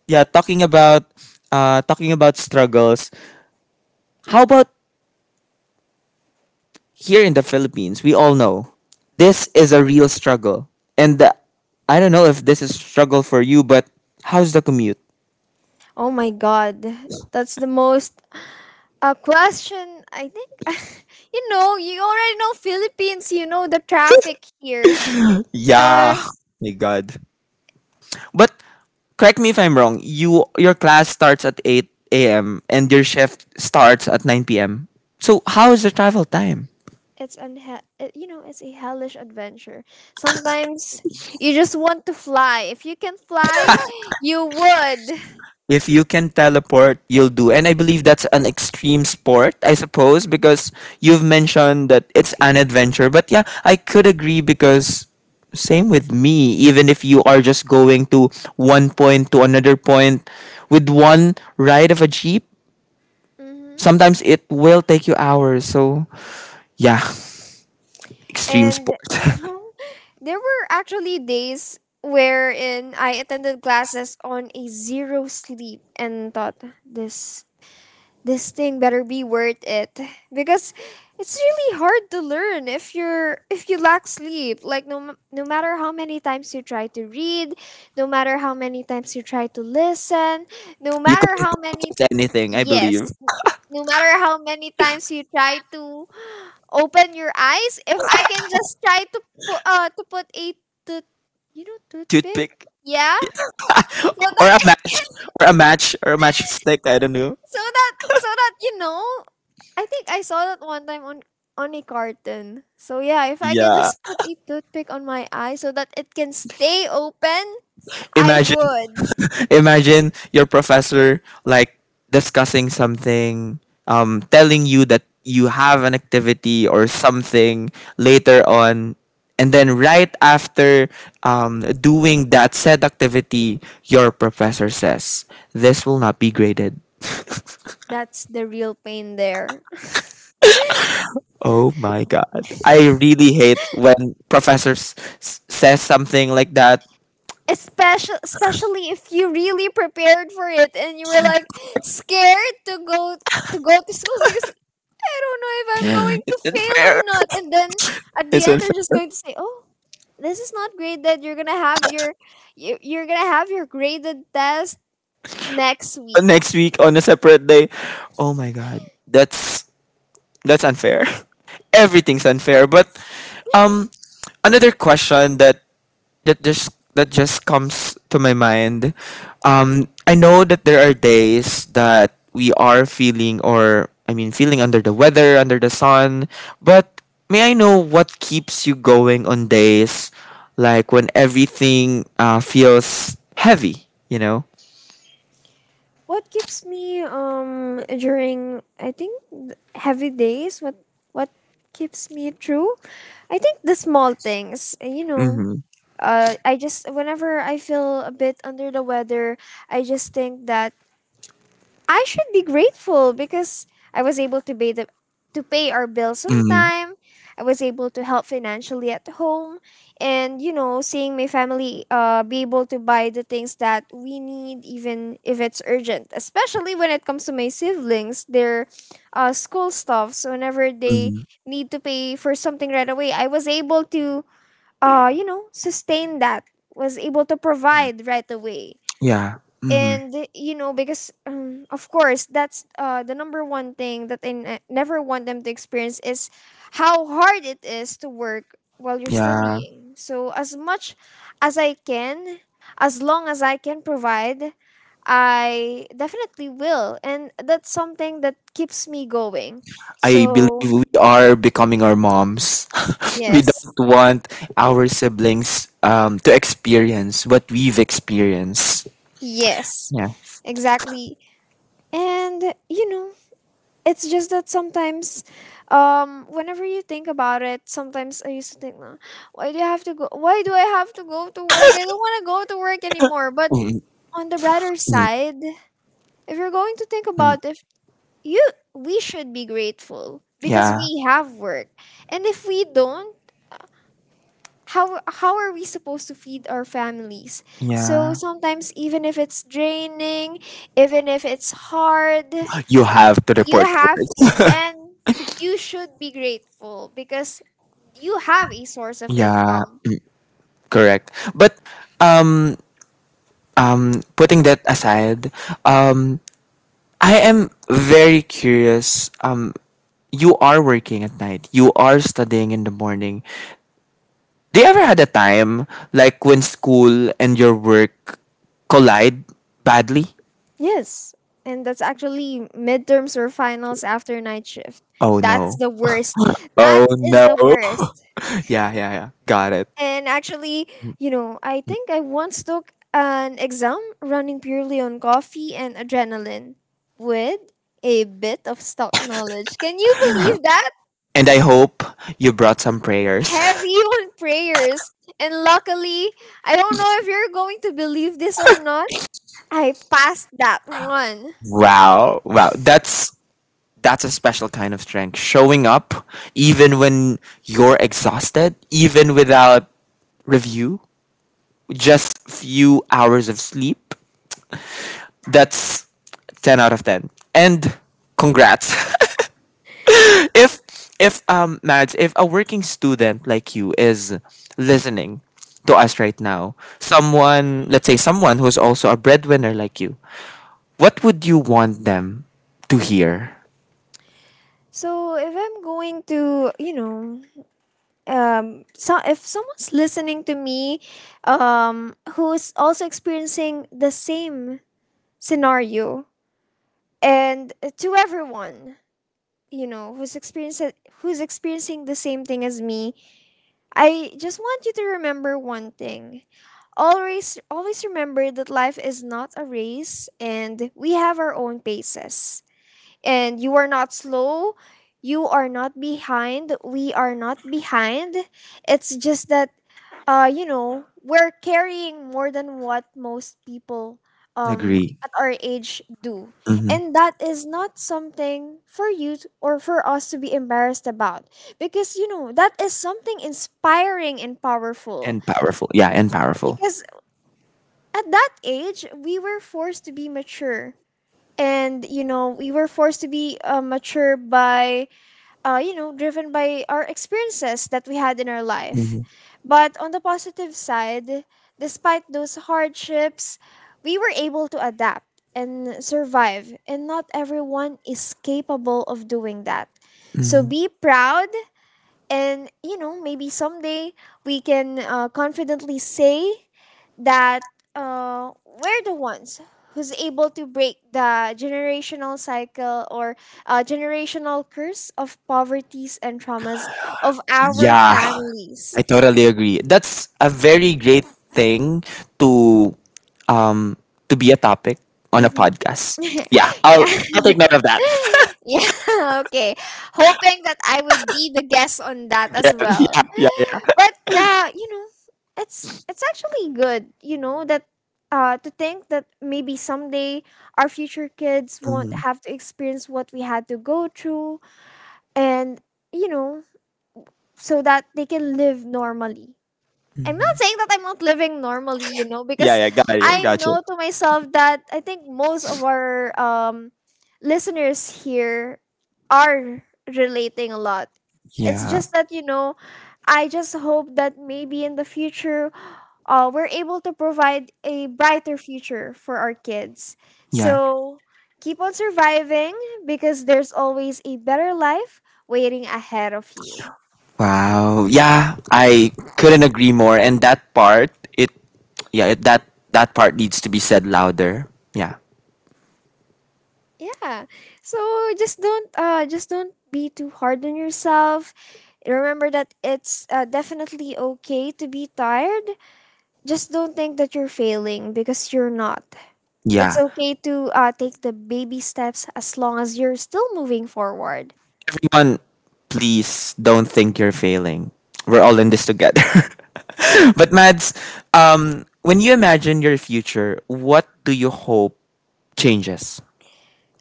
yeah, talking about struggles. How about here in the Philippines? We all know this is a real struggle, and I don't know if this is a struggle for you, but how's the commute? Oh my god. That's the most a question, I think. You know, you already know Philippines, you know the traffic here. Yeah, So my God. But correct me if I'm wrong. You your class starts at eight a.m. and your shift starts at nine p.m. So how is the travel time? You know, it's a hellish adventure. Sometimes you just want to fly. If you can fly, you would. If you can teleport, you'll do. And I believe that's an extreme sport, I suppose, because you've mentioned that it's an adventure. But yeah, I could agree, because same with me. Even if you are just going to one point to another point with one ride of a jeep, Hmm. sometimes it will take you hours. So yeah, extreme sport. And you know, there were actually days wherein I attended classes on a zero sleep and thought, this thing better be worth it, because it's really hard to learn if you lack sleep. Like, no no matter how many times you try to read, no matter how many times you try to listen, no You matter couldn't how many. purchase anything, I Yes. believe. No matter how many times you try to open your eyes. If I can just try to put a tooth, you know, toothpick. Toothpick. Yeah, so Or that a it match. can. Or a matchstick. I don't know. So that you know, I think I saw that one time on a carton. So yeah, if I can Yeah. just put a toothpick on my eye so that it can stay open, I Imagine, would. imagine your professor like discussing something, telling you that you have an activity or something later on, and then right after doing that said activity, your professor says this will not be graded. That's the real pain there. Oh my god. I really hate when professors says something like that. Especially if you really prepared for it and you were like scared to go to school because I don't know if I'm going to It's fail or unfair. not. And then at the It's end unfair. they're just going to say, "Oh, this is not great that you're gonna have you're gonna have your graded test next But week." next week on a separate day. Oh my god. That's unfair. Everything's unfair. But um another question that that just comes to my mind. I know that there are days that we are feeling, or I mean, feeling under the weather, under the sun. But may I know what keeps you going on days like when everything feels heavy? You know. What keeps me during, I think, heavy days? What keeps me true? I think the small things. Mm-hmm. I just, whenever I feel a bit under the weather, I just think that I should be grateful because I was able to pay the to pay our bills on Mm-hmm. time. I was able to help financially at home, and you know, seeing my family be able to buy the things that we need even if it's urgent. Especially when it comes to my siblings, their school stuff. So whenever they Mm-hmm. need to pay for something right away, I was able to, you know, sustain that. Was able to provide right away, Yeah. Mm-hmm. and you know because of course that's the number one thing that never want them to experience is how hard it is to work while you're Yeah. studying. So as much as I can, as long as I can provide, I definitely will, and that's something that keeps me going I believe so. we are becoming our moms. We Yes. don't want our siblings to experience what we've experienced. Yes, Yeah. exactly. And you know, it's just that sometimes, whenever you think about it, sometimes I used to think, "Nah, why do I have to go to work? I don't want to go to work anymore." But Mm, on the brighter mm, side, if you're going to think mm. about, if you we should be grateful because Yeah. we have work, and if we don't, how are we supposed to feed our families? Yeah. So sometimes, even if it's draining, even if it's hard, You have to you report to have work. to, and you should be grateful because you have a source of Yeah, income. correct. But um putting that aside, um I am very curious. Um, you are working at night. You are studying in the morning. Do you ever had a time like when school and your work collide badly? Yes, and that's actually midterms or finals after night shift. Oh no. That's the worst. That Oh is no. the worst. Yeah, yeah, yeah. Got it. And actually, you know, I think I once took an exam running purely on coffee and adrenaline, with a bit of stock knowledge. Can you believe that? And I hope you brought some prayers. Heavy on prayers, and luckily, I don't know if you're going to believe this or not, I passed that one. Wow. Wow. That's a special kind of strength. Showing up even when you're exhausted, even without review, just few hours of sleep. That's 10 out of 10. And congrats. if if Mads, if a working student like you is listening to us right now, someone, let's say someone who's also a breadwinner like you, what would you want them to hear? So, if I'm going to, you know, so if someone's listening to me, who's also experiencing the same scenario, and to everyone, you know, who's experiencing the same thing as me, I just want you to remember one thing. Always, always remember that life is not a race, and we have our own paces. And you are not slow, you are not behind, we are not behind. It's just that, you know, we're carrying more than what most people Agree. at our age do. And Hmm. that is not something for or for us to be embarrassed about, because you know, that is something inspiring and powerful, And powerful. Yeah, and powerful. because at that age, we were forced to be mature. And, you know, we were forced to be mature by, you know, driven by our experiences that we had in our life. Hmm. But on the positive side, despite those hardships, we were able to adapt and survive. And not everyone is capable of doing that. So Hmm. be proud, and, you know, maybe someday we can confidently say that we're the ones who's able to break the generational cycle, or generational curse of poverties and traumas of our Yeah, families. I totally agree. That's a very great thing to um to be a topic on a Mhm. podcast. Yeah, Yeah. I'll take Take note note of of that. yeah, okay. Hoping that I would be the guest on that as Yeah, well. yeah, yeah. But yeah, you know, it's actually good, you know, that to think that maybe someday our future kids won't Yeah. have to experience what we had to go through, and you know, so that they can live normally. I'm Mhm. not saying that I'm not living normally, you know, Yeah, because yeah, got it, I got you. know to myself that I think most of our listeners here are relating a lot. It's Yeah. just that, you know, I just hope that maybe in the future, we're able to provide a brighter future for our kids. Yeah. So keep on surviving, because there's always a better life waiting ahead of you. Wow. Yeah, I couldn't agree more. And that part, it, yeah, that that part needs to be said louder. Yeah. Yeah. So just don't be too hard on yourself. Remember that it's definitely okay to be tired. Just don't think that you're failing, because you're not. It's Yeah. okay to take the baby steps as long as you're still moving forward. Everyone, please don't think you're failing. We're all in this together. But Mads, when you imagine your future, what do you hope changes?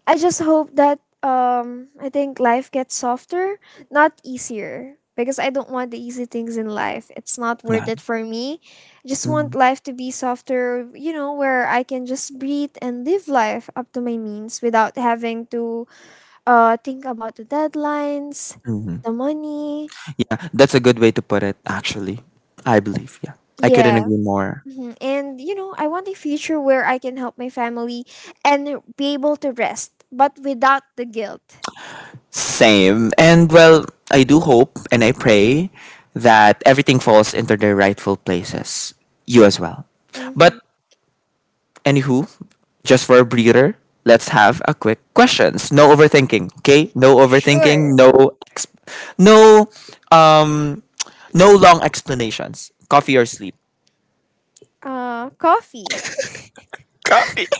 I just hope that I think life gets softer, not easier. Because I don't want the easy things in life. It's not Yeah. worth it for me. I just want Mm-hmm. life to be softer, you know, where I can just breathe and live life up to my means without having to think about the deadlines, Mm-hmm. the money. Yeah, that's a good way to put it actually. I believe. Yeah. I couldn't Yeah. agree more. Mhm. And you know, I want a future where I can help my family and be able to rest, but without the guilt. Same. And well, I do hope and I pray that everything falls into their rightful places. You as well. But Mm-hmm. anywho, just for a breather, let's have a quick questions. No overthinking, okay? No Sure. overthinking, no no um no long explanations. Coffee or sleep. Uh, coffee, Coffee.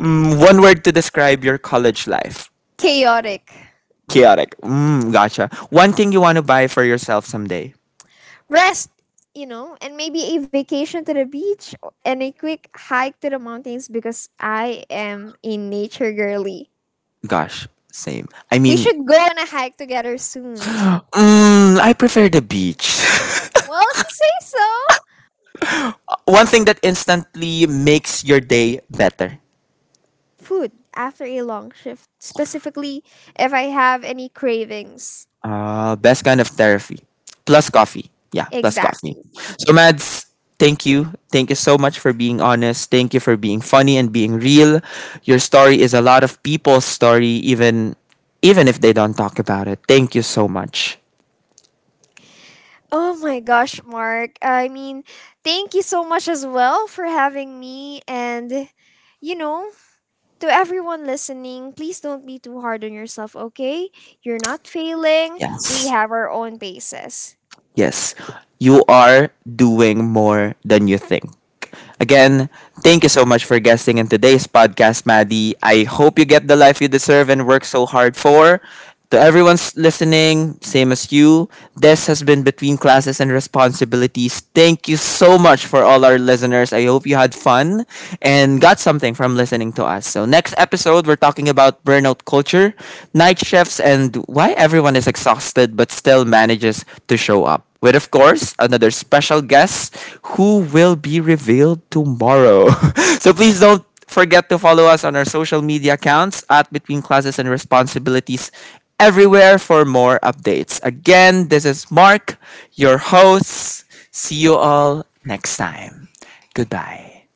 Mm, one word to describe your college life. chaotic, Chaotic. Mm, gotcha. One thing you want to buy for yourself someday. rest, you know, and maybe a vacation to the beach and a quick hike to the mountains, because I am a nature girly. Gosh, same. I We mean, should go on a hike together soon. mm, I prefer the beach. Well, if you say so. One thing that instantly makes your day better. Food after a long shift, specifically if I have any cravings. Best kind of therapy. Plus coffee. Yeah, plus coffee. Exactly. So, Mads, thank you. Thank you so much for being honest. Thank you for being funny and being real. Your story is a lot of people's story, even even if they don't talk about it. Thank you so much. Oh my gosh, Mark. I mean, thank you so much as well for having me, and you know, to everyone listening, please don't be too hard on yourself, okay? You're not failing. We Yes. have our own paces. Yes. You are doing more than you think. Again, thank you so much for guesting in today's podcast, Maddie. I hope you get the life you deserve and work so hard for. To everyone's listening, same as you, this has been Between Classes and Responsibilities. Thank you so much for all our listeners. I hope you had fun and got something from listening to us. So, next episode, we're talking about burnout culture, night shifts, and why everyone is exhausted but still manages to show up with, of course, another special guest who will be revealed tomorrow. So please don't forget to follow us on our social media accounts at Between Classes and Responsibilities everywhere for more updates. Again, this is Mark, your host. See you all next time. Goodbye.